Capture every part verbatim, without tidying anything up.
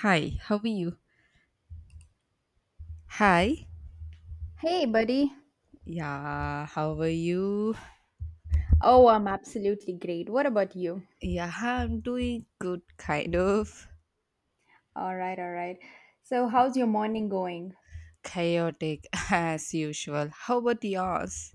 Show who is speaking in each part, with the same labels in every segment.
Speaker 1: Hi, how are you? Hi.
Speaker 2: Hey, buddy.
Speaker 1: Yeah, how are you?
Speaker 2: Oh, I'm absolutely great. What about you?
Speaker 1: Yeah, I'm doing good, kind of.
Speaker 2: All right, all right. So, how's your morning going?
Speaker 1: Chaotic as usual. How about yours?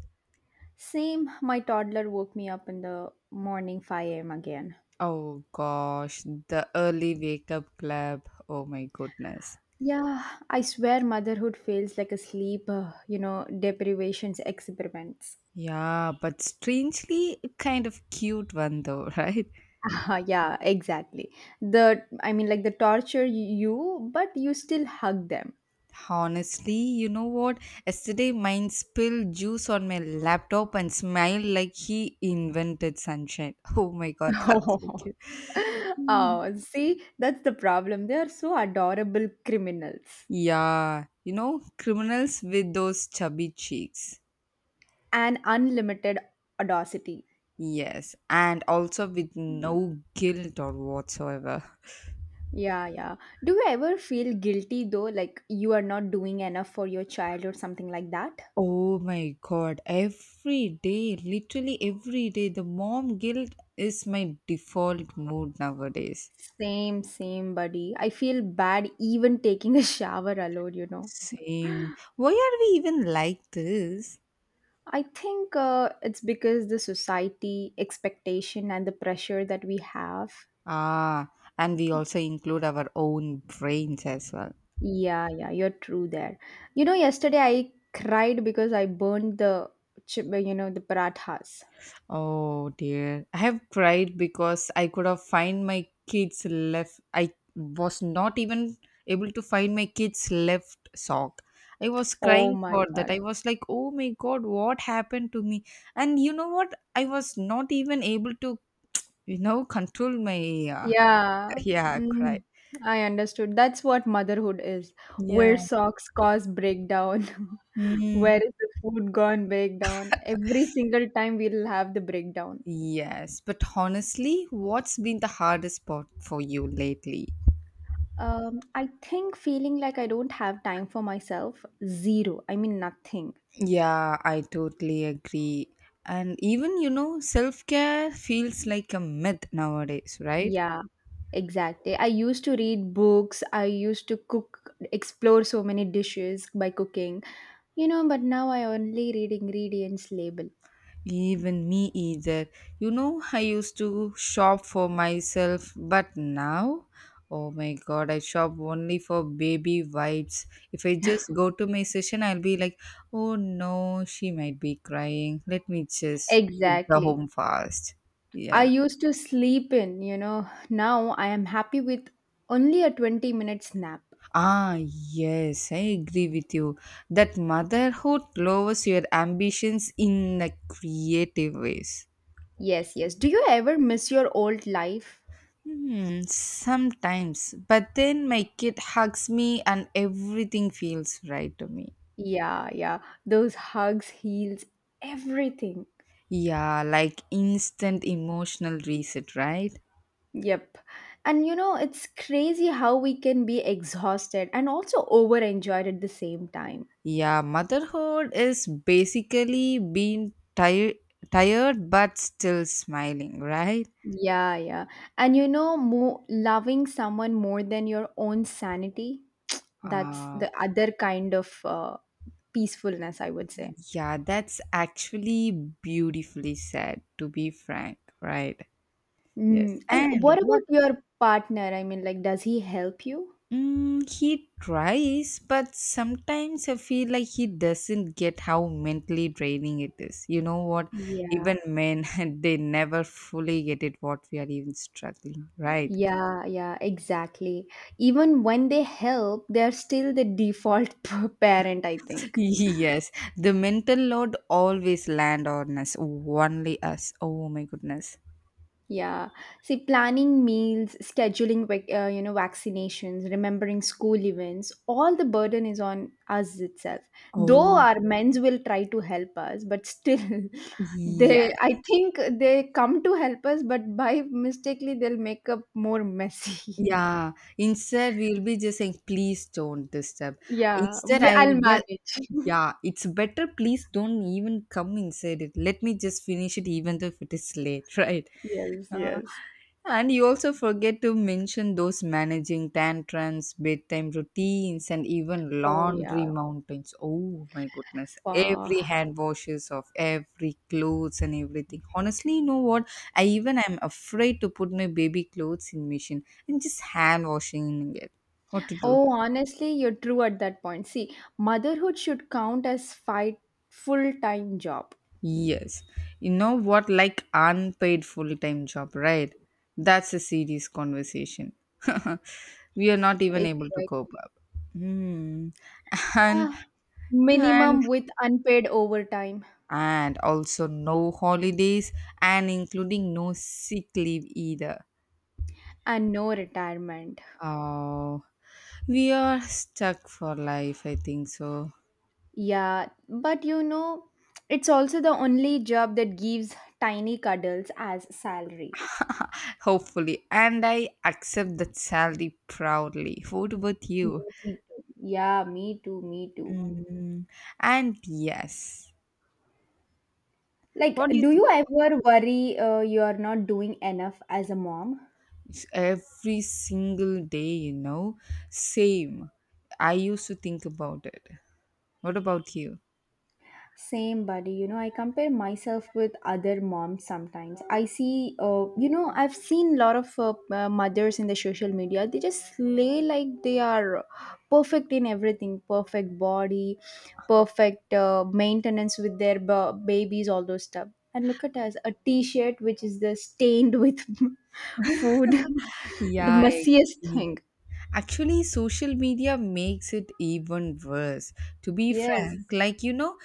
Speaker 2: Same, my toddler woke me up in the morning five a m again.
Speaker 1: Oh gosh, the early wake up club. Oh my goodness.
Speaker 2: Yeah, I swear motherhood feels like a sleep, uh, you know, deprivations experiments.
Speaker 1: Yeah, but strangely kind of cute one though, right?
Speaker 2: Yeah, exactly. The I mean like the torture you, but you still hug them.
Speaker 1: Honestly, you know what? Yesterday mine spilled juice on my laptop and smiled like he invented sunshine. Oh my god, that's so
Speaker 2: Oh.
Speaker 1: cute. Mm.
Speaker 2: Oh, see, that's the problem. They are so adorable criminals
Speaker 1: Yeah, you know, criminals with those chubby cheeks.
Speaker 2: and unlimited audacity.
Speaker 1: Yes, and also with no guilt or whatsoever.
Speaker 2: Yeah, yeah. Do you ever feel guilty though, like you are not doing enough for your child or something like that?
Speaker 1: Oh my god, every day, literally every day, the mom guilt is my default mood nowadays.
Speaker 2: Same, same, buddy. I feel bad even taking a shower alone, you know.
Speaker 1: Same. Why are we even like this?
Speaker 2: I think uh, it's because the society expectation and the pressure that we have.
Speaker 1: Ah, and we also include our own brains as well.
Speaker 2: Yeah, yeah, you're true there. You know, yesterday I cried because I burned the, chip- you know, the parathas.
Speaker 1: Oh dear. I have cried because I could have find my kids left. I was not even able to find my kids left sock. I was
Speaker 2: Oh
Speaker 1: crying
Speaker 2: my
Speaker 1: for that.
Speaker 2: God.
Speaker 1: I was like, "Oh my god, what happened to me?" And you know what? I was not even able to, you know, control my uh,
Speaker 2: Yeah,
Speaker 1: yeah, cry.
Speaker 2: mm, I understood. That's what motherhood is.
Speaker 1: Yeah.
Speaker 2: Where socks cause breakdown.
Speaker 1: Mm.
Speaker 2: Where is the food gone breakdown? Every single time we'll have the breakdown.
Speaker 1: Yes, but honestly, what's been the hardest part for you lately?
Speaker 2: Um, I think feeling like I don't have time for myself, zero. I mean, nothing.
Speaker 1: Yeah, I totally agree. And even, you know, self care feels like a myth nowadays, right?
Speaker 2: Yeah, exactly. I used to read books, I used to cook, explore so many dishes by cooking, you know, but now I only read ingredients label.
Speaker 1: Even me either. You know, I used to shop for myself, but now, oh my god, I shop only for baby wipes. If I just go to my session, I'll be like, oh no, she might be crying. Let me just hit the
Speaker 2: Exactly.
Speaker 1: home fast.
Speaker 2: I
Speaker 1: Yeah.
Speaker 2: used to sleep in, you know. Now I am happy with only a twenty minutes nap.
Speaker 1: Ah, yes, I agree with you. That motherhood lowers your ambitions in a creative ways.
Speaker 2: Yes, yes. Do you ever miss your old life?
Speaker 1: Hmm, sometimes, but then my kid hugs me and everything feels right to me.
Speaker 2: Yeah, yeah. Those hugs, heals, everything.
Speaker 1: Yeah, like instant emotional reset, right?
Speaker 2: Yep. And you know, it's crazy how we can be exhausted and also over enjoyed at the same time.
Speaker 1: Yeah, motherhood is basically being tired, tired but still smiling, right?
Speaker 2: Yeah, yeah. And you know, mo- loving someone more than your own sanity, that's
Speaker 1: Ah.
Speaker 2: the other kind of uh, peacefulness, I would say.
Speaker 1: Yeah, that's actually beautifully said, to be frank, right? Yes.
Speaker 2: Mm. And
Speaker 1: And
Speaker 2: what
Speaker 1: what
Speaker 2: about your partner? I mean, like, does he help you?
Speaker 1: mm, he tries, but sometimes I feel like he doesn't get how mentally draining it is. You know what?
Speaker 2: Yeah,
Speaker 1: Even men, they never fully get it what we are even struggling, right?
Speaker 2: yeah, yeah, exactly. Even when they help, they're still the default parent, I think.
Speaker 1: Yes, the mental load always land on us, only us. Oh my goodness.
Speaker 2: Yeah. See, planning meals, scheduling, vac- uh, you know, vaccinations, remembering school events, all the burden is on us itself. Though
Speaker 1: Oh,
Speaker 2: our men's will try to help us, but still, they,
Speaker 1: yes.
Speaker 2: I think they come to help us, but by mistakenly, they'll make up more messy.
Speaker 1: Yeah, instead we'll be just saying, please don't disturb.
Speaker 2: Yeah.
Speaker 1: Instead,
Speaker 2: we-
Speaker 1: I'll
Speaker 2: I'll
Speaker 1: be,
Speaker 2: manage.
Speaker 1: yeah, it's better, please don't even come inside it. Let me just finish it, even though if it is late, right?
Speaker 2: Yes, yes.
Speaker 1: And you also forget to mention those managing tantrums, bedtime routines, and even
Speaker 2: Oh, yeah.
Speaker 1: laundry mountains. Oh my goodness. Every
Speaker 2: Wow.
Speaker 1: hand washes of every clothes and everything. Honestly, you know what? I even am afraid to put my baby clothes in machine and just hand washing it. What to do?
Speaker 2: Oh, honestly, you're true at that point. See, motherhood should count as fight full-time job.
Speaker 1: Yes. You know what? Like unpaid full time job, right? That's a serious conversation. We are not even able to
Speaker 2: Exactly.
Speaker 1: cope up. Hmm. And
Speaker 2: Yeah.
Speaker 1: and
Speaker 2: Minimum with unpaid overtime
Speaker 1: and also no holidays and including no sick leave either.
Speaker 2: and no retirement.
Speaker 1: Oh, we are stuck for life, I think so.
Speaker 2: Yeah, but you know, it's also the only job that gives tiny cuddles as salary.
Speaker 1: Hopefully. And I accept that salary proudly. What about
Speaker 2: Me
Speaker 1: you?
Speaker 2: too. Yeah, me too, me too.
Speaker 1: Mm, and yes,
Speaker 2: Like,
Speaker 1: what do you
Speaker 2: do
Speaker 1: think?
Speaker 2: you ever worry uh, you are not doing enough as a mom?
Speaker 1: It's every single day, you know, same. I used to think about it. What about you?
Speaker 2: Same, buddy. You know, I compare myself with other moms sometimes. I see, uh, you know, I've seen a lot of uh, uh, mothers in the social media. They just lay like they are perfect in everything perfect body, perfect uh, maintenance with their b- babies, all those stuff. And look at us a t shirt which is the stained with food, the
Speaker 1: Yeah, I
Speaker 2: messiest
Speaker 1: agree.
Speaker 2: thing.
Speaker 1: Actually, social media makes it even worse. To be frank,
Speaker 2: Yes.
Speaker 1: like you know,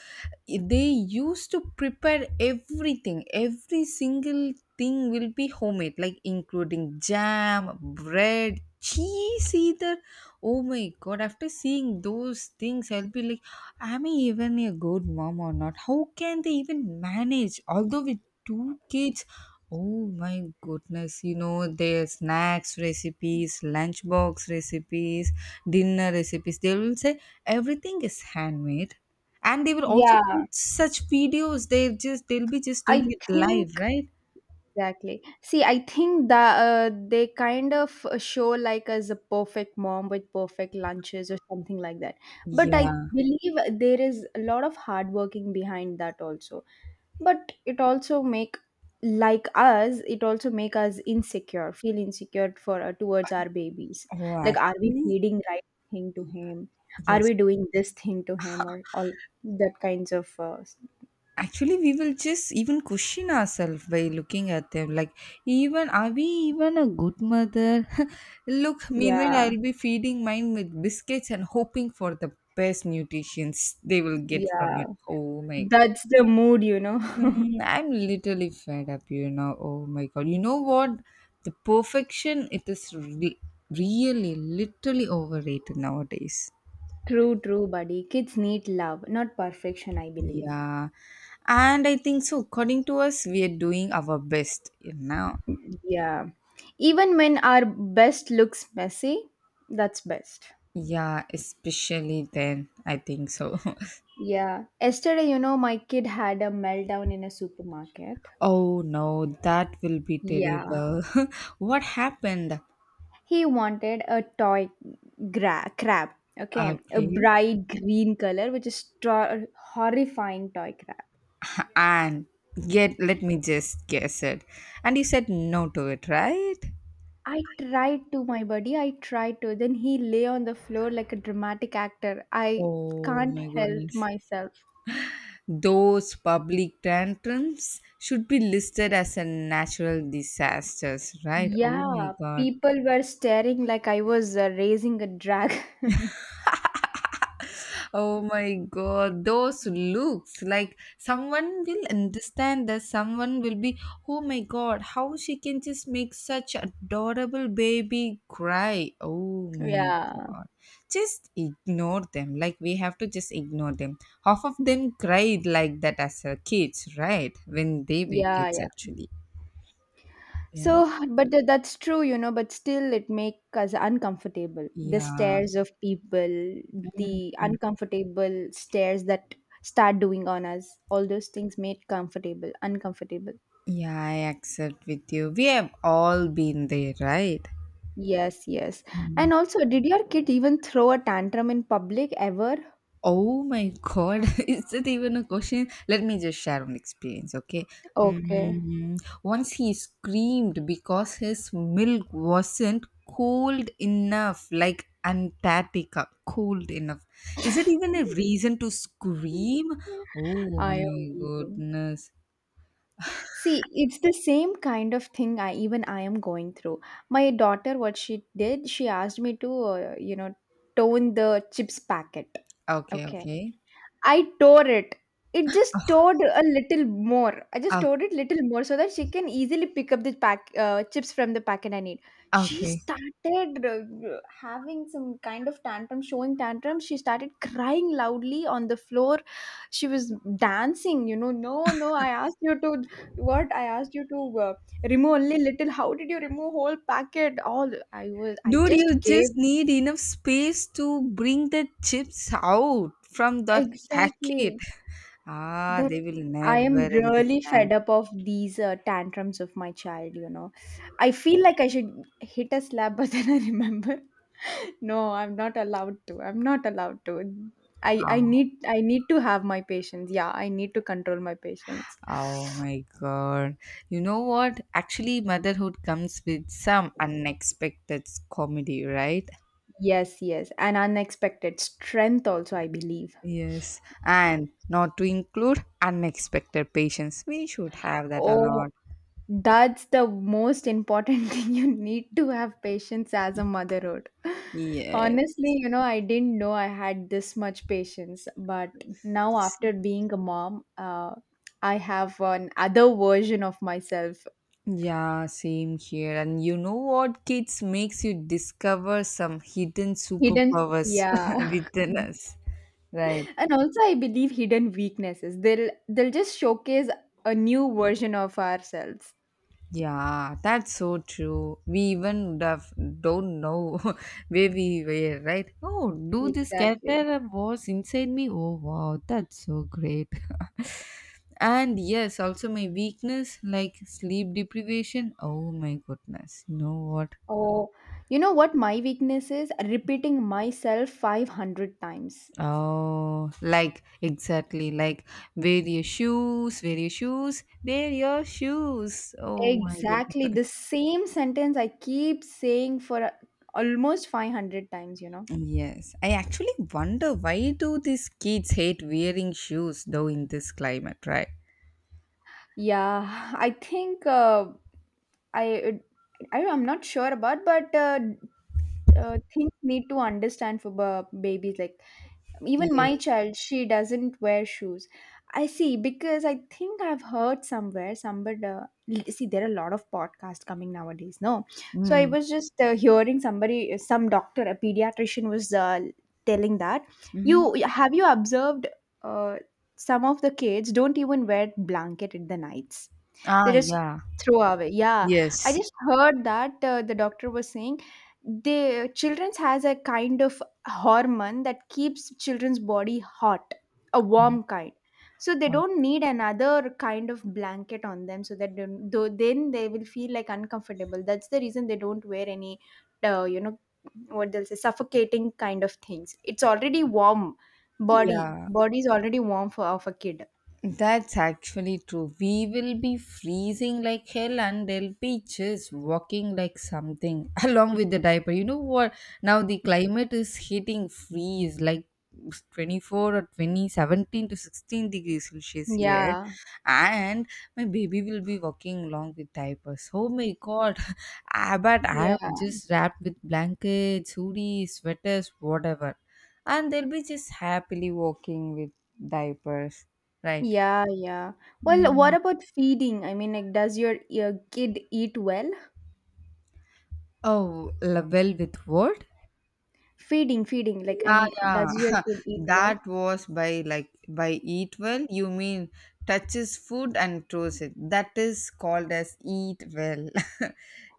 Speaker 1: they used to prepare everything, every single thing will be homemade, like including jam, bread, cheese, either. Oh my god, after seeing those things, I'll be like, am I even a good mom or not? How can they even manage? Although with two kids, oh my goodness, you know, their snacks recipes, lunchbox recipes, dinner recipes. They will say everything is handmade. And they will also
Speaker 2: Yeah.
Speaker 1: put such videos. They just they'll be just doing
Speaker 2: I
Speaker 1: it live,
Speaker 2: think
Speaker 1: right?
Speaker 2: Exactly. See, I think that uh, they kind of uh, show like as a perfect mom with perfect lunches or something like that. But I
Speaker 1: Yeah.
Speaker 2: believe there is a lot of hard working behind that also. But it also make like us, it also make us insecure, feel insecure for uh, towards our babies.
Speaker 1: Oh
Speaker 2: Like, are we
Speaker 1: actually.
Speaker 2: feeding right thing to him? Are
Speaker 1: Yes.
Speaker 2: we doing this thing to him or all that kinds of uh,
Speaker 1: Actually, we will just even question ourselves by looking at them. Like, even are we even a good mother? Look, meanwhile,
Speaker 2: Yeah,
Speaker 1: I'll be feeding mine with biscuits and hoping for the best nutritions they will get from
Speaker 2: yeah.
Speaker 1: it. Oh my god.
Speaker 2: That's the mood, you know.
Speaker 1: Mm, I'm literally fed up, you know. Oh my god. You know what? The perfection, it is re- really, literally overrated nowadays.
Speaker 2: True, true, buddy. Kids need love, not perfection, I believe.
Speaker 1: Yeah. And I think so. According to us, we are doing our best now.
Speaker 2: Yeah. Even when our best looks messy, that's best.
Speaker 1: Yeah, especially then, I think so.
Speaker 2: Yeah. Yesterday, you know, my kid had a meltdown in a supermarket.
Speaker 1: Oh no, that will be
Speaker 2: Yeah.
Speaker 1: terrible. What happened?
Speaker 2: He wanted a toy gra- crab. Okay. A
Speaker 1: Okay.
Speaker 2: bright green color, which is tro- horrifying toy crab.
Speaker 1: And yet, let me just guess it. And you said no to it, right?
Speaker 2: I tried to, my buddy. I tried to. Then he lay on the floor like a dramatic actor. I
Speaker 1: Oh
Speaker 2: can't
Speaker 1: my
Speaker 2: help
Speaker 1: goodness.
Speaker 2: myself.
Speaker 1: Those public tantrums should be listed as a natural disasters, right? Oh
Speaker 2: Yeah,
Speaker 1: my god.
Speaker 2: people were staring like I was uh, raising a dragon.
Speaker 1: Oh my god, those looks like someone will understand that someone will be, oh my god, how she can just make such adorable baby cry. Oh my
Speaker 2: Yeah,
Speaker 1: god, just ignore them. Like, we have to just ignore them. Half of them cried like that as a kids, right? When they were
Speaker 2: yeah,
Speaker 1: kids,
Speaker 2: yeah.
Speaker 1: actually. Yeah,
Speaker 2: So, but th- that's true, you know, but still it makes us uncomfortable. The
Speaker 1: yeah,
Speaker 2: stares of people, the uncomfortable stares that start doing on us, all those things made comfortable, uncomfortable.
Speaker 1: yeah, I accept with you. We have all been there, right?
Speaker 2: Yes, yes. And
Speaker 1: Mm.
Speaker 2: also, did your kid even throw a tantrum in public ever?
Speaker 1: Oh my god, is that even a question? Let me just share an experience, okay?
Speaker 2: Okay.
Speaker 1: Um, once he screamed because his milk wasn't cold enough, like Antarctica, cold enough. Is that even a reason to scream? Oh
Speaker 2: I am
Speaker 1: my
Speaker 2: vegan.
Speaker 1: goodness.
Speaker 2: See, it's the same kind of thing I even I am going through. My daughter, what she did, she asked me to, uh, you know, tone the chips packet.
Speaker 1: Okay,
Speaker 2: Okay.
Speaker 1: okay.
Speaker 2: I tore it. It just tore a little more. I just
Speaker 1: Oh,
Speaker 2: tore it little more so that she can easily pick up the pack uh, chips from the packet I need. She
Speaker 1: okay.
Speaker 2: started uh, having some kind of tantrum, showing tantrum. She started crying loudly on the floor. She was dancing, you know. No, no, I asked you to what? I asked you to uh, remove only little. How did you remove whole packet? All I was, I
Speaker 1: Dude, you
Speaker 2: just gave
Speaker 1: just need enough space to bring the chips out from that packet.
Speaker 2: exactly
Speaker 1: Ah,
Speaker 2: that.
Speaker 1: they will
Speaker 2: I am
Speaker 1: never
Speaker 2: really fed
Speaker 1: understand.
Speaker 2: up of these uh, tantrums of my child, you know. I feel like I should hit a slap, but then I remember, no, I'm not allowed to. I'm not allowed to. I, I
Speaker 1: Oh,
Speaker 2: need I need to have my patience. Yeah, I need to control my patience.
Speaker 1: oh my God. You know what? Actually, motherhood comes with some unexpected comedy, right?
Speaker 2: Yes, yes. And unexpected strength also, I believe.
Speaker 1: Yes. And not to include unexpected patients. We should have that a
Speaker 2: Oh,
Speaker 1: lot.
Speaker 2: that's the most important thing. You need to have patience as a motherhood.
Speaker 1: Yes.
Speaker 2: Honestly, you know, I didn't know I had this much patience, but now after being a mom, uh, I have an other version of myself.
Speaker 1: Yeah, same here. And you know what, kids makes you discover some hidden
Speaker 2: Hidden,
Speaker 1: superpowers
Speaker 2: yeah,
Speaker 1: within us. Right.
Speaker 2: and also I believe hidden weaknesses. They'll they'll just showcase a new version of ourselves.
Speaker 1: Yeah, that's so true. We even would have don't know where we were, right? Oh, do this
Speaker 2: Exactly.
Speaker 1: character was inside me. Oh wow, that's so great. And yes, also my weakness like sleep deprivation. Oh my goodness, you know what?
Speaker 2: Oh, you know what my weakness is? Repeating myself five hundred times.
Speaker 1: Oh, like exactly like wear your shoes, wear your shoes, wear your shoes. Oh my
Speaker 2: Exactly.
Speaker 1: goodness.
Speaker 2: The same sentence I keep saying for uh, almost five hundred times, you know.
Speaker 1: Yes, I actually wonder why do these kids hate wearing shoes though in this climate, right?
Speaker 2: Yeah, I think uh, I, I I'm not sure about, but uh, uh, things need to understand for b- babies. Like even my
Speaker 1: Yes.
Speaker 2: child she doesn't wear shoes, I see. Because I think I've heard somewhere somebody uh, l- see, there are a lot of podcasts coming nowadays, no. So I
Speaker 1: Mm.
Speaker 2: was just uh, hearing somebody, some doctor, a pediatrician, was uh, telling that,
Speaker 1: Mm-hmm.
Speaker 2: you have you observed uh, some of the kids don't even wear blanket at the nights, they
Speaker 1: Ah,
Speaker 2: just
Speaker 1: yeah.
Speaker 2: throw away, yeah. I
Speaker 1: Yes.
Speaker 2: just heard that uh, the doctor was saying the children's has a kind of hormone that keeps children's body hot, a
Speaker 1: Um,
Speaker 2: warm kind. So they
Speaker 1: um,
Speaker 2: don't need another kind of blanket on them, so that don't- though then they will feel like uncomfortable, that's the reason they don't wear any, uh, you know what they'll say, suffocating kind of things, it's already warm, body
Speaker 1: Yeah.
Speaker 2: body is already warm for of a kid.
Speaker 1: That's actually true. We will be freezing like hell, and they will be just walking like something along with the diaper. You know what? Now the climate is hitting freeze like twenty-four or twenty-seventeen to sixteen degrees Celsius here,
Speaker 2: Yeah,
Speaker 1: and my baby will be walking along with diapers. Oh my god! Ah, but I
Speaker 2: yeah,
Speaker 1: am just wrapped with blankets, hoodies, sweaters, whatever, and they'll be just happily walking with diapers, right?
Speaker 2: yeah, yeah. Well, what
Speaker 1: Mm.
Speaker 2: about feeding? I mean like, does your, your kid eat well?
Speaker 1: Oh, Label with Word?
Speaker 2: Feeding feeding like I
Speaker 1: Yeah,
Speaker 2: mean,
Speaker 1: yeah.
Speaker 2: does your kid eat well?
Speaker 1: That was by like by Eat Well. You mean touches food and throws it. That is called as Eat Well,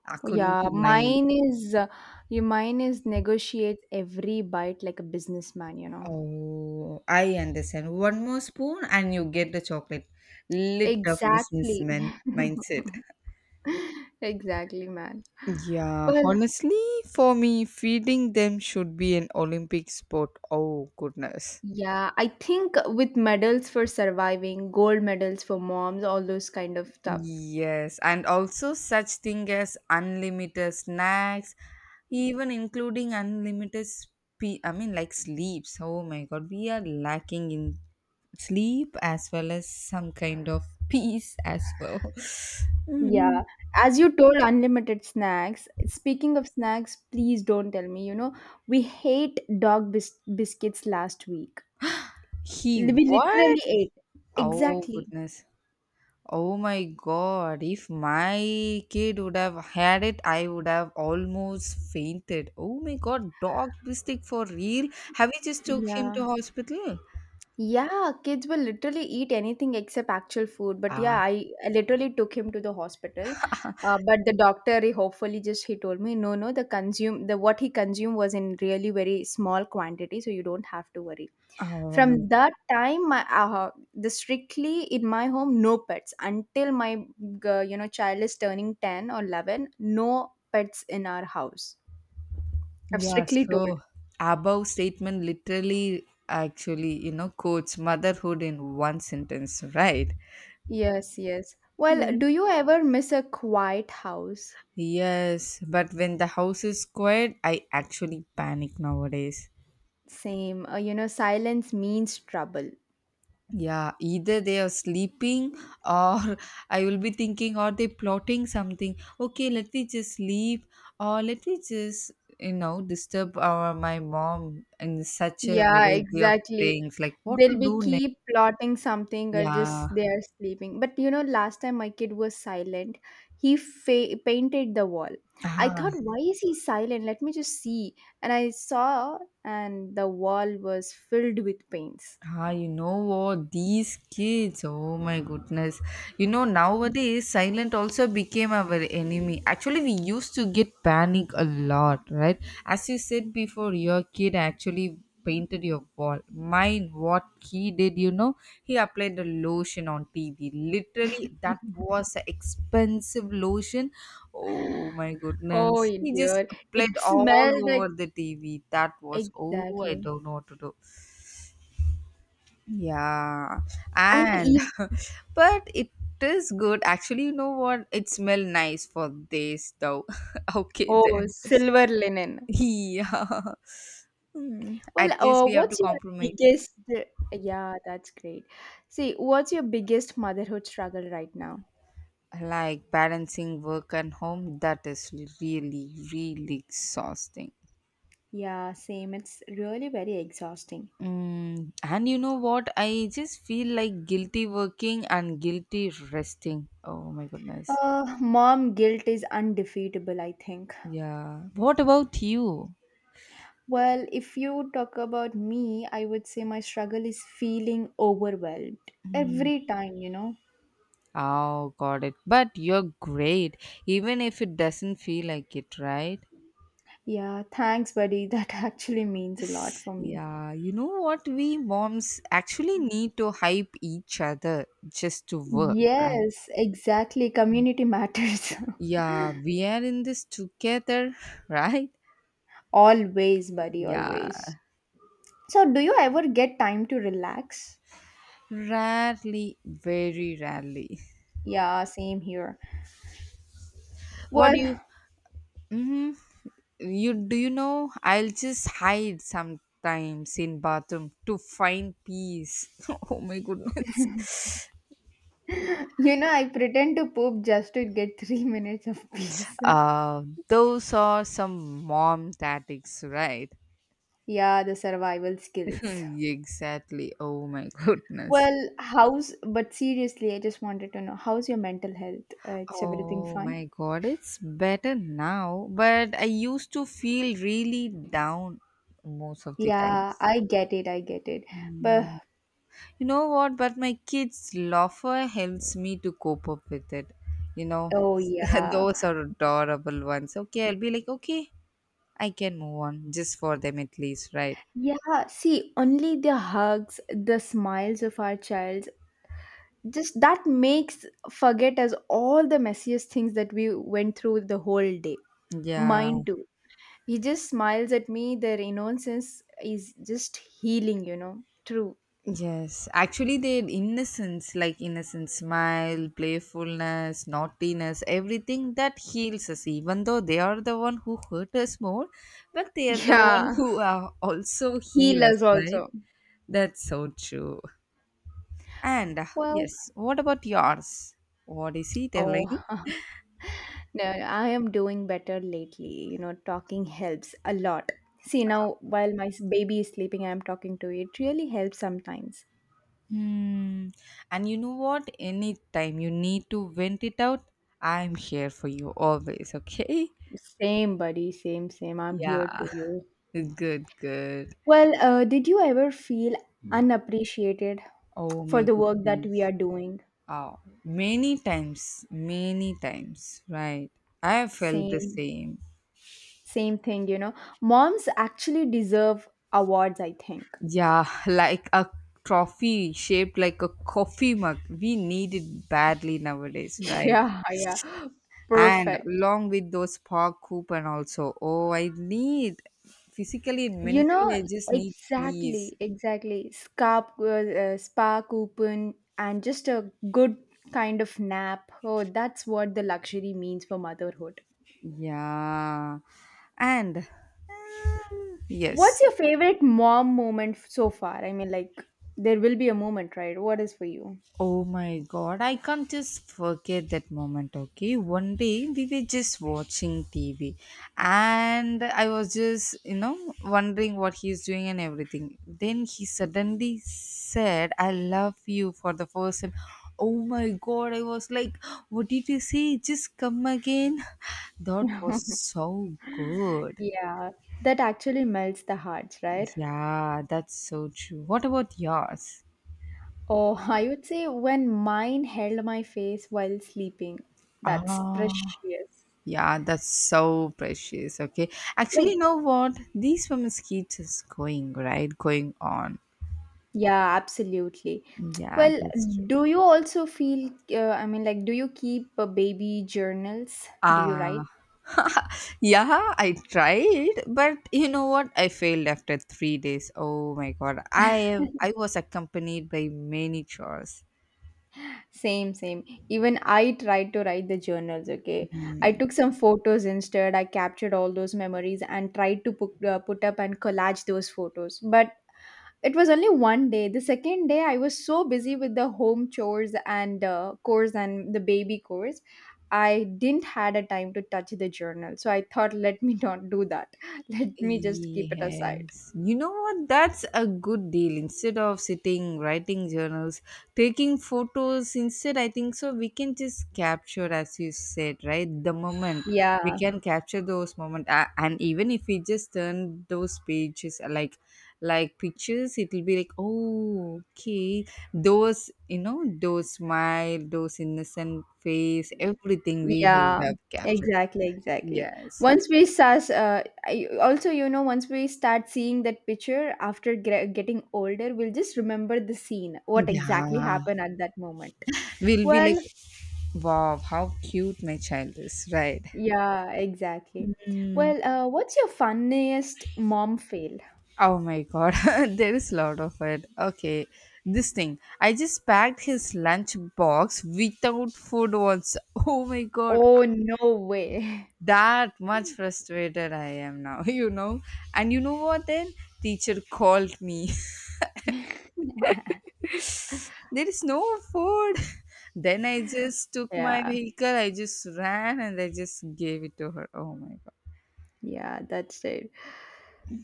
Speaker 1: according
Speaker 2: Yeah,
Speaker 1: to my.
Speaker 2: mine is uh, your mine is negotiate every bite like a businessman, you know.
Speaker 1: Oh, I understand. One more spoon and you get the chocolate. Lit of
Speaker 2: Exactly.
Speaker 1: businessman mindset.
Speaker 2: Exactly, man.
Speaker 1: Yeah,
Speaker 2: Well,
Speaker 1: honestly, for me, feeding them should be an Olympic sport. Oh, goodness.
Speaker 2: yeah, I think with medals for surviving, gold medals for moms, all those kind of stuff.
Speaker 1: Yes, and also such thing as unlimited snacks, even including unlimited spe- I mean like sleeps. Oh my god, we are lacking in sleep as well as some kind of peace as well.
Speaker 2: Yeah.
Speaker 1: Mm.
Speaker 2: As you told unlimited snacks, speaking of snacks, please don't tell me, you know, we hate dog bis biscuits last week.
Speaker 1: He
Speaker 2: We
Speaker 1: what?
Speaker 2: literally ate.
Speaker 1: Oh
Speaker 2: Exactly.
Speaker 1: goodness. Oh my god, if my kid would have had it, I would have almost fainted. Oh my god, dog bistic for real? Have you just took him
Speaker 2: Yeah.
Speaker 1: to hospital?
Speaker 2: Yeah, kids will literally eat anything except actual food. But
Speaker 1: Ah,
Speaker 2: yeah, I, I literally took him to the hospital. Uh, but the doctor, he hopefully just he told me, no, no, the consume the what he consumed was in really very small quantity, so you don't have to worry.
Speaker 1: oh my.
Speaker 2: From that time, my uh, the strictly in my home, no pets until my g- you know child is turning ten or eleven. No pets in our house. I've
Speaker 1: Yeah,
Speaker 2: strictly told.
Speaker 1: so above statement literally actually, you know, quotes motherhood in one sentence, right?
Speaker 2: Yes, yes. Well,
Speaker 1: Yeah.
Speaker 2: do you ever miss a quiet house?
Speaker 1: Yes, but when the house is quiet, I actually panic nowadays.
Speaker 2: Same. Uh, you know, silence means trouble.
Speaker 1: Yeah, either they are sleeping or I will be thinking, are they plotting something? Okay, let me just sleep or let me just, you know, disturb our, my mom in such a
Speaker 2: Yeah,
Speaker 1: variety of
Speaker 2: exactly.
Speaker 1: things. Like what
Speaker 2: They'll
Speaker 1: to
Speaker 2: be
Speaker 1: do next?
Speaker 2: keep plotting something or
Speaker 1: Yeah.
Speaker 2: just they are sleeping. But you know, last time my kid was silent, he fa- painted the wall. I
Speaker 1: Ah.
Speaker 2: thought, why is he silent? Let me just see. And I saw, and the wall was filled with paints.
Speaker 1: Ah, you know what? These kids, oh my goodness. You know, nowadays, silent also became our enemy. Actually, we used to get panic a lot, right? As you said before, your kid actually painted your wall. Mine, what he did, you know, he applied the lotion on T V. Literally, that was an expensive lotion. Oh my
Speaker 2: Oh
Speaker 1: goodness. He just
Speaker 2: dear, it
Speaker 1: applied all
Speaker 2: smelled like
Speaker 1: over the T V. That was, oh, I
Speaker 2: exactly.
Speaker 1: don't know what to do. Yeah,
Speaker 2: And the
Speaker 1: and
Speaker 2: eve
Speaker 1: but it is good. Actually, you know what? It smell nice for this though. Okay
Speaker 2: Oh,
Speaker 1: then.
Speaker 2: silver linen.
Speaker 1: Yeah. Hmm.
Speaker 2: Well,
Speaker 1: At least
Speaker 2: uh,
Speaker 1: we have to
Speaker 2: what's your
Speaker 1: compromise.
Speaker 2: biggest yeah, that's great. See, what's your biggest motherhood struggle right now?
Speaker 1: Like balancing work and home, that is really, really exhausting.
Speaker 2: Yeah, same. It's really very exhausting.
Speaker 1: Mm, and you know what? I just feel like guilty working and guilty resting. Oh my goodness.
Speaker 2: Uh, mom guilt is undefeatable, I think.
Speaker 1: Yeah. What about you?
Speaker 2: Well, if you talk about me, I would say my struggle is feeling overwhelmed
Speaker 1: Hmm.
Speaker 2: every time, you know.
Speaker 1: Oh, got it. But you're great, even if it doesn't feel like it, right?
Speaker 2: Yeah, thanks, buddy. That actually means a lot for me.
Speaker 1: Yeah, you know what? We moms actually need to hype each other just to work, right?
Speaker 2: Yes, exactly. Community matters.
Speaker 1: Yeah, we are in this together, right?
Speaker 2: Always, buddy,
Speaker 1: Yeah,
Speaker 2: always. So, do you ever get time to relax?
Speaker 1: rarely, very rarely.
Speaker 2: Yeah, same here.
Speaker 1: What
Speaker 2: Well,
Speaker 1: do you? hmm You do you know? I'll just hide sometimes in bathroom to find peace. Oh my goodness.
Speaker 2: you know, I pretend to poop just to get three minutes of peace.
Speaker 1: Uh, those are some mom tactics, right?
Speaker 2: Yeah, the survival skills.
Speaker 1: Exactly. Oh my goodness.
Speaker 2: Well, how's, but seriously, I just wanted to know how's your mental health? Uh, it's everything
Speaker 1: Oh
Speaker 2: fine?
Speaker 1: my god, it's better now, but I used to feel really down most of the
Speaker 2: Yeah,
Speaker 1: times.
Speaker 2: I get it. I get it. But
Speaker 1: Mm. You know what? But my kids' loafer helps me to cope up with it. You know,
Speaker 2: oh, yeah.
Speaker 1: those are adorable ones. Okay, I'll be like, okay, I can move on just for them at least, right?
Speaker 2: Yeah, see, only the hugs, the smiles of our child just that makes forget as all the messiest things that we went through the whole day
Speaker 1: Yeah.
Speaker 2: mine too he just smiles at me their innocence is just healing you know True.
Speaker 1: Yes, actually, their innocence, like innocent smile, playfulness, naughtiness, everything that heals us, even though they are the one who hurt us more, but they are the one
Speaker 2: Yeah,
Speaker 1: who are also heal
Speaker 2: heal
Speaker 1: us,
Speaker 2: us also.
Speaker 1: right? That's so true. And uh,
Speaker 2: Well,
Speaker 1: yes, what about yours? What is he telling?
Speaker 2: oh, no, I am doing better lately you know Talking helps a lot. See, now while my s- baby is sleeping, I'm talking to you. It really helps sometimes.
Speaker 1: Hmm. And you know what? Anytime you need to vent it out, I'm here for you always, okay?
Speaker 2: Same, buddy, same same, I'm here
Speaker 1: Yeah,
Speaker 2: to you.
Speaker 1: good, good.
Speaker 2: Well, uh, did you ever feel unappreciated
Speaker 1: Oh
Speaker 2: for
Speaker 1: my
Speaker 2: the work that we are
Speaker 1: goodness.
Speaker 2: doing?
Speaker 1: Oh, many times, many times, right? I have felt the
Speaker 2: Same,
Speaker 1: same.
Speaker 2: same thing, you know. Moms actually deserve awards, I think.
Speaker 1: Yeah, like a trophy shaped like a coffee mug. We need it badly nowadays, right?
Speaker 2: Yeah, yeah.
Speaker 1: And
Speaker 2: Perfect.
Speaker 1: along with those park coupon also. Oh, I need physically and
Speaker 2: You
Speaker 1: mentally,
Speaker 2: know,
Speaker 1: I just need peace.
Speaker 2: exactly, exactly. Scarp, uh, uh, spa coupon and just a good kind of nap. Oh, that's what the luxury means for motherhood.
Speaker 1: Yeah. And
Speaker 2: What's
Speaker 1: yes,
Speaker 2: your favorite mom moment so far? I mean, like, there will be a moment, right? What is for you?
Speaker 1: oh my god, I can't just forget that moment, okay? One day we were just watching T V and I was just, you know, wondering what he's doing and everything. Then he suddenly said, I love you for the first time. Oh my god, I was like, what did you say? Just come again. That was so good.
Speaker 2: Yeah, that actually melts the hearts, right?
Speaker 1: Yeah, that's so true. What about yours?
Speaker 2: Oh, I would say when mine held my face while sleeping. That's
Speaker 1: Ah.
Speaker 2: precious.
Speaker 1: Yeah, that's so precious. Okay. Actually,
Speaker 2: Like,
Speaker 1: you know what? These women's keeps us going, right? Going on.
Speaker 2: yeah, absolutely.
Speaker 1: Yeah,
Speaker 2: Well,
Speaker 1: that's true.
Speaker 2: do you also feel, uh, I mean, like, do you keep uh, baby journals? Do you write?
Speaker 1: Ah, yeah, I tried, but you know what? I failed after three days. Oh my god, I I was accompanied by many chores.
Speaker 2: Same, same. Even I tried to write the journals, okay? I took some photos instead. I captured all those memories and tried to put, uh, put up and collage those photos. But it was only one day. The second day, I was so busy with the home chores and uh, chores and the baby chores. I didn't had a time to touch the journal. So I thought, let me not do that. Let me just keep it aside.
Speaker 1: Yes. You know what? That's a good deal. Instead of sitting writing journals, taking photos, instead, I think so we can just capture, as you said, right? The moment we
Speaker 2: Yeah.
Speaker 1: can capture those moments, and even if we just turn those pages uh, like like pictures, it'll be like, oh, okay, those you know, those smile, those innocent face, everything we
Speaker 2: Yeah,
Speaker 1: have captured.
Speaker 2: exactly, exactly.
Speaker 1: Yes.
Speaker 2: Once we start, uh, I, also, you know, Once we start seeing that picture after gre- getting older, we'll just remember the scene, what exactly
Speaker 1: Yeah.
Speaker 2: happened at that moment.
Speaker 1: We'll be
Speaker 2: Well,
Speaker 1: like wow, how cute my child is, right?
Speaker 2: yeah, exactly.
Speaker 1: Mm.
Speaker 2: Well, uh, what's your funniest mom fail?
Speaker 1: Oh my god, there is a lot of it. Okay, this thing. I just packed his lunch box without food once. Oh my god,
Speaker 2: Oh, no way.
Speaker 1: that much frustrated I am now, you know. And you know what then? Teacher called me. there is no food. Then I just took my
Speaker 2: Yeah,
Speaker 1: vehicle, I just ran and I just gave it to her. Oh my god.
Speaker 2: yeah, that's it.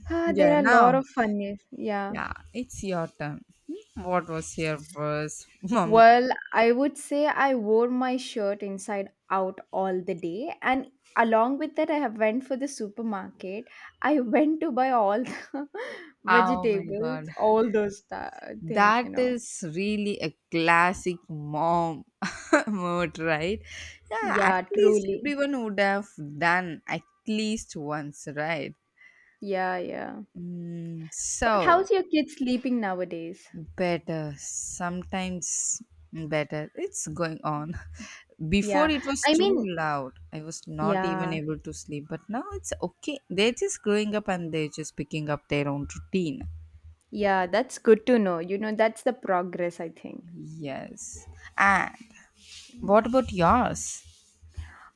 Speaker 2: Ah, there
Speaker 1: Yeah,
Speaker 2: are a
Speaker 1: now
Speaker 2: lot of funniest. Yeah.
Speaker 1: yeah, it's your turn. Hmm, what was your verse? Mom.
Speaker 2: Well, I would say I wore my shirt inside out all the day, and along with that, I went for the supermarket. I went to buy all the
Speaker 1: Oh my
Speaker 2: vegetables,
Speaker 1: god.
Speaker 2: all those th- things, you
Speaker 1: That
Speaker 2: know.
Speaker 1: is really a classic mom mode, right? Yeah, at
Speaker 2: Yeah,
Speaker 1: least
Speaker 2: truly.
Speaker 1: everyone would have done at least once, right?
Speaker 2: Yeah, yeah.
Speaker 1: Mm,
Speaker 2: Well,
Speaker 1: so,
Speaker 2: how's your kid sleeping nowadays?
Speaker 1: better sometimes, better, it's going on. Before
Speaker 2: Yeah,
Speaker 1: it was
Speaker 2: I
Speaker 1: too
Speaker 2: mean,
Speaker 1: loud, I was not even
Speaker 2: yeah,
Speaker 1: able to sleep, but now it's okay. They're just growing up and they're just picking up their own routine.
Speaker 2: yeah. That's good to know. You know, that's the progress, I think.
Speaker 1: Yes, and what about yours?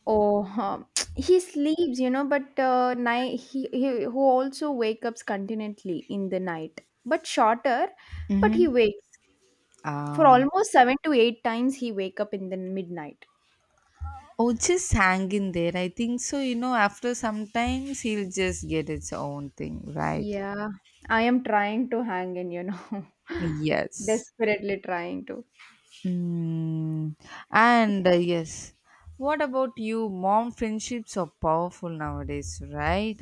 Speaker 2: Oh, huh. He sleeps, you know, but uh, night he, he who also wake up continually in the night, but shorter. But he
Speaker 1: Mm-hmm.
Speaker 2: wakes for
Speaker 1: Um,
Speaker 2: almost seven to eight times. He wake up in the midnight.
Speaker 1: oh, just hang in there. I think so. You know, after sometimes he'll just get its own thing, right?
Speaker 2: Yeah, I am trying to hang in, you know,
Speaker 1: Yes.
Speaker 2: desperately trying to.
Speaker 1: Mm, and uh, yes, what about you? Mom friendships are powerful nowadays, right?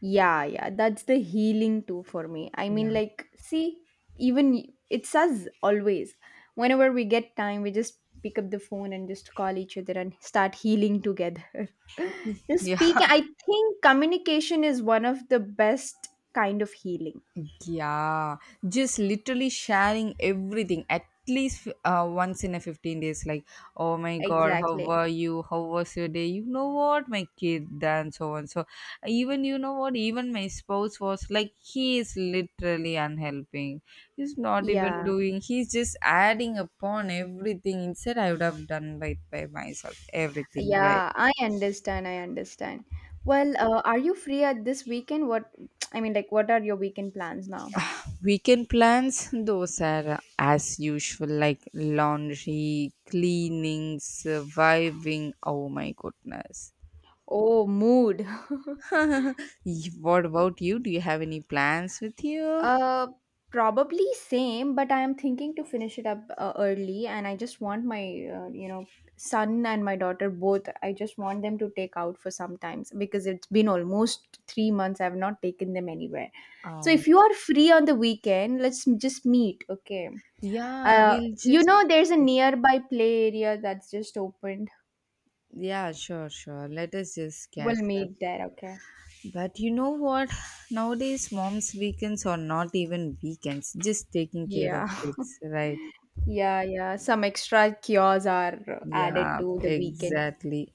Speaker 2: Yeah, yeah, that's the healing too for me. I
Speaker 1: Yeah.
Speaker 2: mean, like, see, even y- it's us always. Whenever we get time, we just pick up the phone and just call each other and start healing together. Just
Speaker 1: Yeah,
Speaker 2: speaking, I think communication is one of the best kind of healing.
Speaker 1: yeah, just literally sharing everything at least uh, once in a fifteen days. Like, oh my god, how
Speaker 2: Exactly.
Speaker 1: were you? How was your day? You know what, my kid, and so on. So, even you know what, even my spouse was like, he is literally unhelping. He's not even
Speaker 2: Yeah,
Speaker 1: doing, he's just adding upon everything. Instead, I would have done by, by myself, everything, right?
Speaker 2: yeah, I understand. I understand. Well, uh, are you free at this weekend? What I mean, like, what are your weekend plans now?
Speaker 1: Weekend plans, those are as usual, like laundry, cleaning, surviving. Oh my goodness.
Speaker 2: Oh, mood.
Speaker 1: Y- What about you? Do you have any plans with you?
Speaker 2: Uh, probably same, but I am thinking to finish it up uh, early, and I just want my uh, you know son and my daughter both. I just want them to take out for some times because it's been almost three months. I have not taken them anywhere. So
Speaker 1: Oh,
Speaker 2: if you are free on the weekend, let's m- just meet. Okay.
Speaker 1: yeah,
Speaker 2: Uh,
Speaker 1: we'll
Speaker 2: you
Speaker 1: just.
Speaker 2: know, there's a nearby play area that's just opened.
Speaker 1: Yeah, sure, sure. Let us just catch
Speaker 2: We'll
Speaker 1: up.
Speaker 2: meet there. Okay.
Speaker 1: But you know what? Nowadays, mom's weekends are not even weekends, just taking care of
Speaker 2: Yeah.
Speaker 1: kids, right?
Speaker 2: Yeah, yeah. Some extra cures are added
Speaker 1: Yeah,
Speaker 2: to the weekend.
Speaker 1: exactly.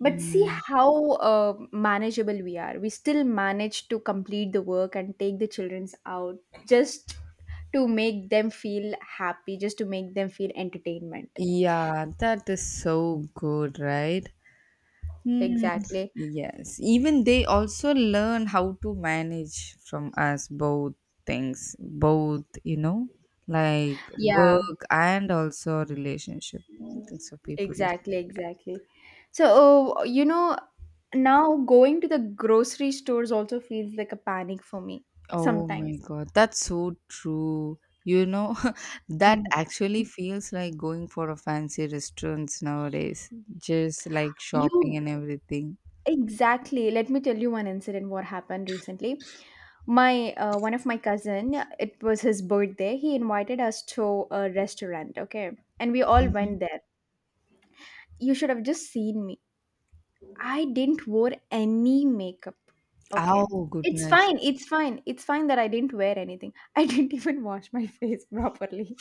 Speaker 2: But see how uh, manageable we are. We still manage to complete the work and take the children's out just to make them feel happy, just to make them feel entertainment.
Speaker 1: Yeah, that is so good, right? Hmm.
Speaker 2: Exactly.
Speaker 1: Yes, even they also learn how to manage from us both things, both, you know, like
Speaker 2: Yeah.
Speaker 1: work and also relationship. I think so. People use.
Speaker 2: Exactly, exactly. So, uh, you know, now going to the grocery stores also feels like a panic for me
Speaker 1: Oh my
Speaker 2: sometimes.
Speaker 1: God, that's so true. You know, that
Speaker 2: Mm.
Speaker 1: actually feels like going for a fancy restaurants nowadays, just like shopping
Speaker 2: You
Speaker 1: and everything.
Speaker 2: Exactly. Let me tell you one incident what happened recently. My uh, one of my cousin, it was his birthday. He invited us to a restaurant, okay? And we all went
Speaker 1: Mhm.
Speaker 2: there. You should have just seen me. I didn't wear any makeup. Okay.
Speaker 1: Oh
Speaker 2: It's
Speaker 1: goodness.
Speaker 2: fine. It's fine. It's fine that I didn't wear anything. I didn't even wash my face properly.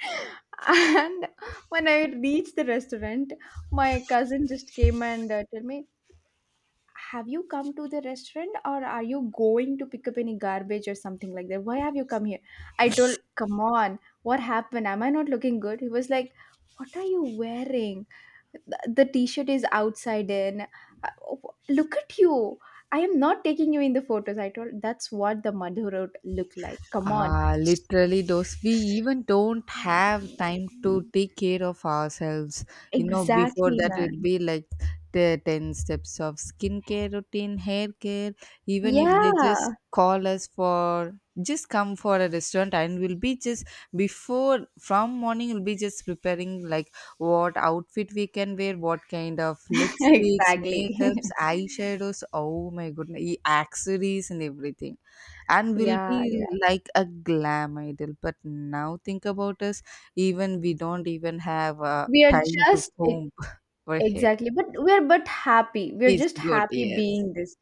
Speaker 2: And when I reached the restaurant, my cousin just came and uh, told me, have you come to the restaurant, or are you going to pick up any garbage or something like that? Why have you come here? I told, come on. What happened? Am I not looking good? He was like, what are you wearing? The, the t-shirt is outside in. Uh, w- look at you. I am not taking you in the photos. I told, that's what the Madhu road look like. Come on.
Speaker 1: Ah, literally, those we even don't have time to take care of ourselves. You know, before
Speaker 2: Exactly,
Speaker 1: that, it'd
Speaker 2: man.
Speaker 1: be like the ten steps of skincare routine, hair care. Even if they
Speaker 2: Yeah,
Speaker 1: just call us for just come for a restaurant, and we'll be just before from morning, we'll be just preparing like what outfit we can wear, what kind of lipsticks,
Speaker 2: exactly.
Speaker 1: makeups, eyeshadows. Oh my goodness, e- accessories, and everything and will be
Speaker 2: Yeah, yeah,
Speaker 1: like a glam idol but now think about us even we don't even have uh,
Speaker 2: we are
Speaker 1: time to
Speaker 2: just
Speaker 1: comb our hair.
Speaker 2: exactly. But we're but happy. We're
Speaker 1: It's
Speaker 2: just
Speaker 1: good,
Speaker 2: happy
Speaker 1: yes.
Speaker 2: being this.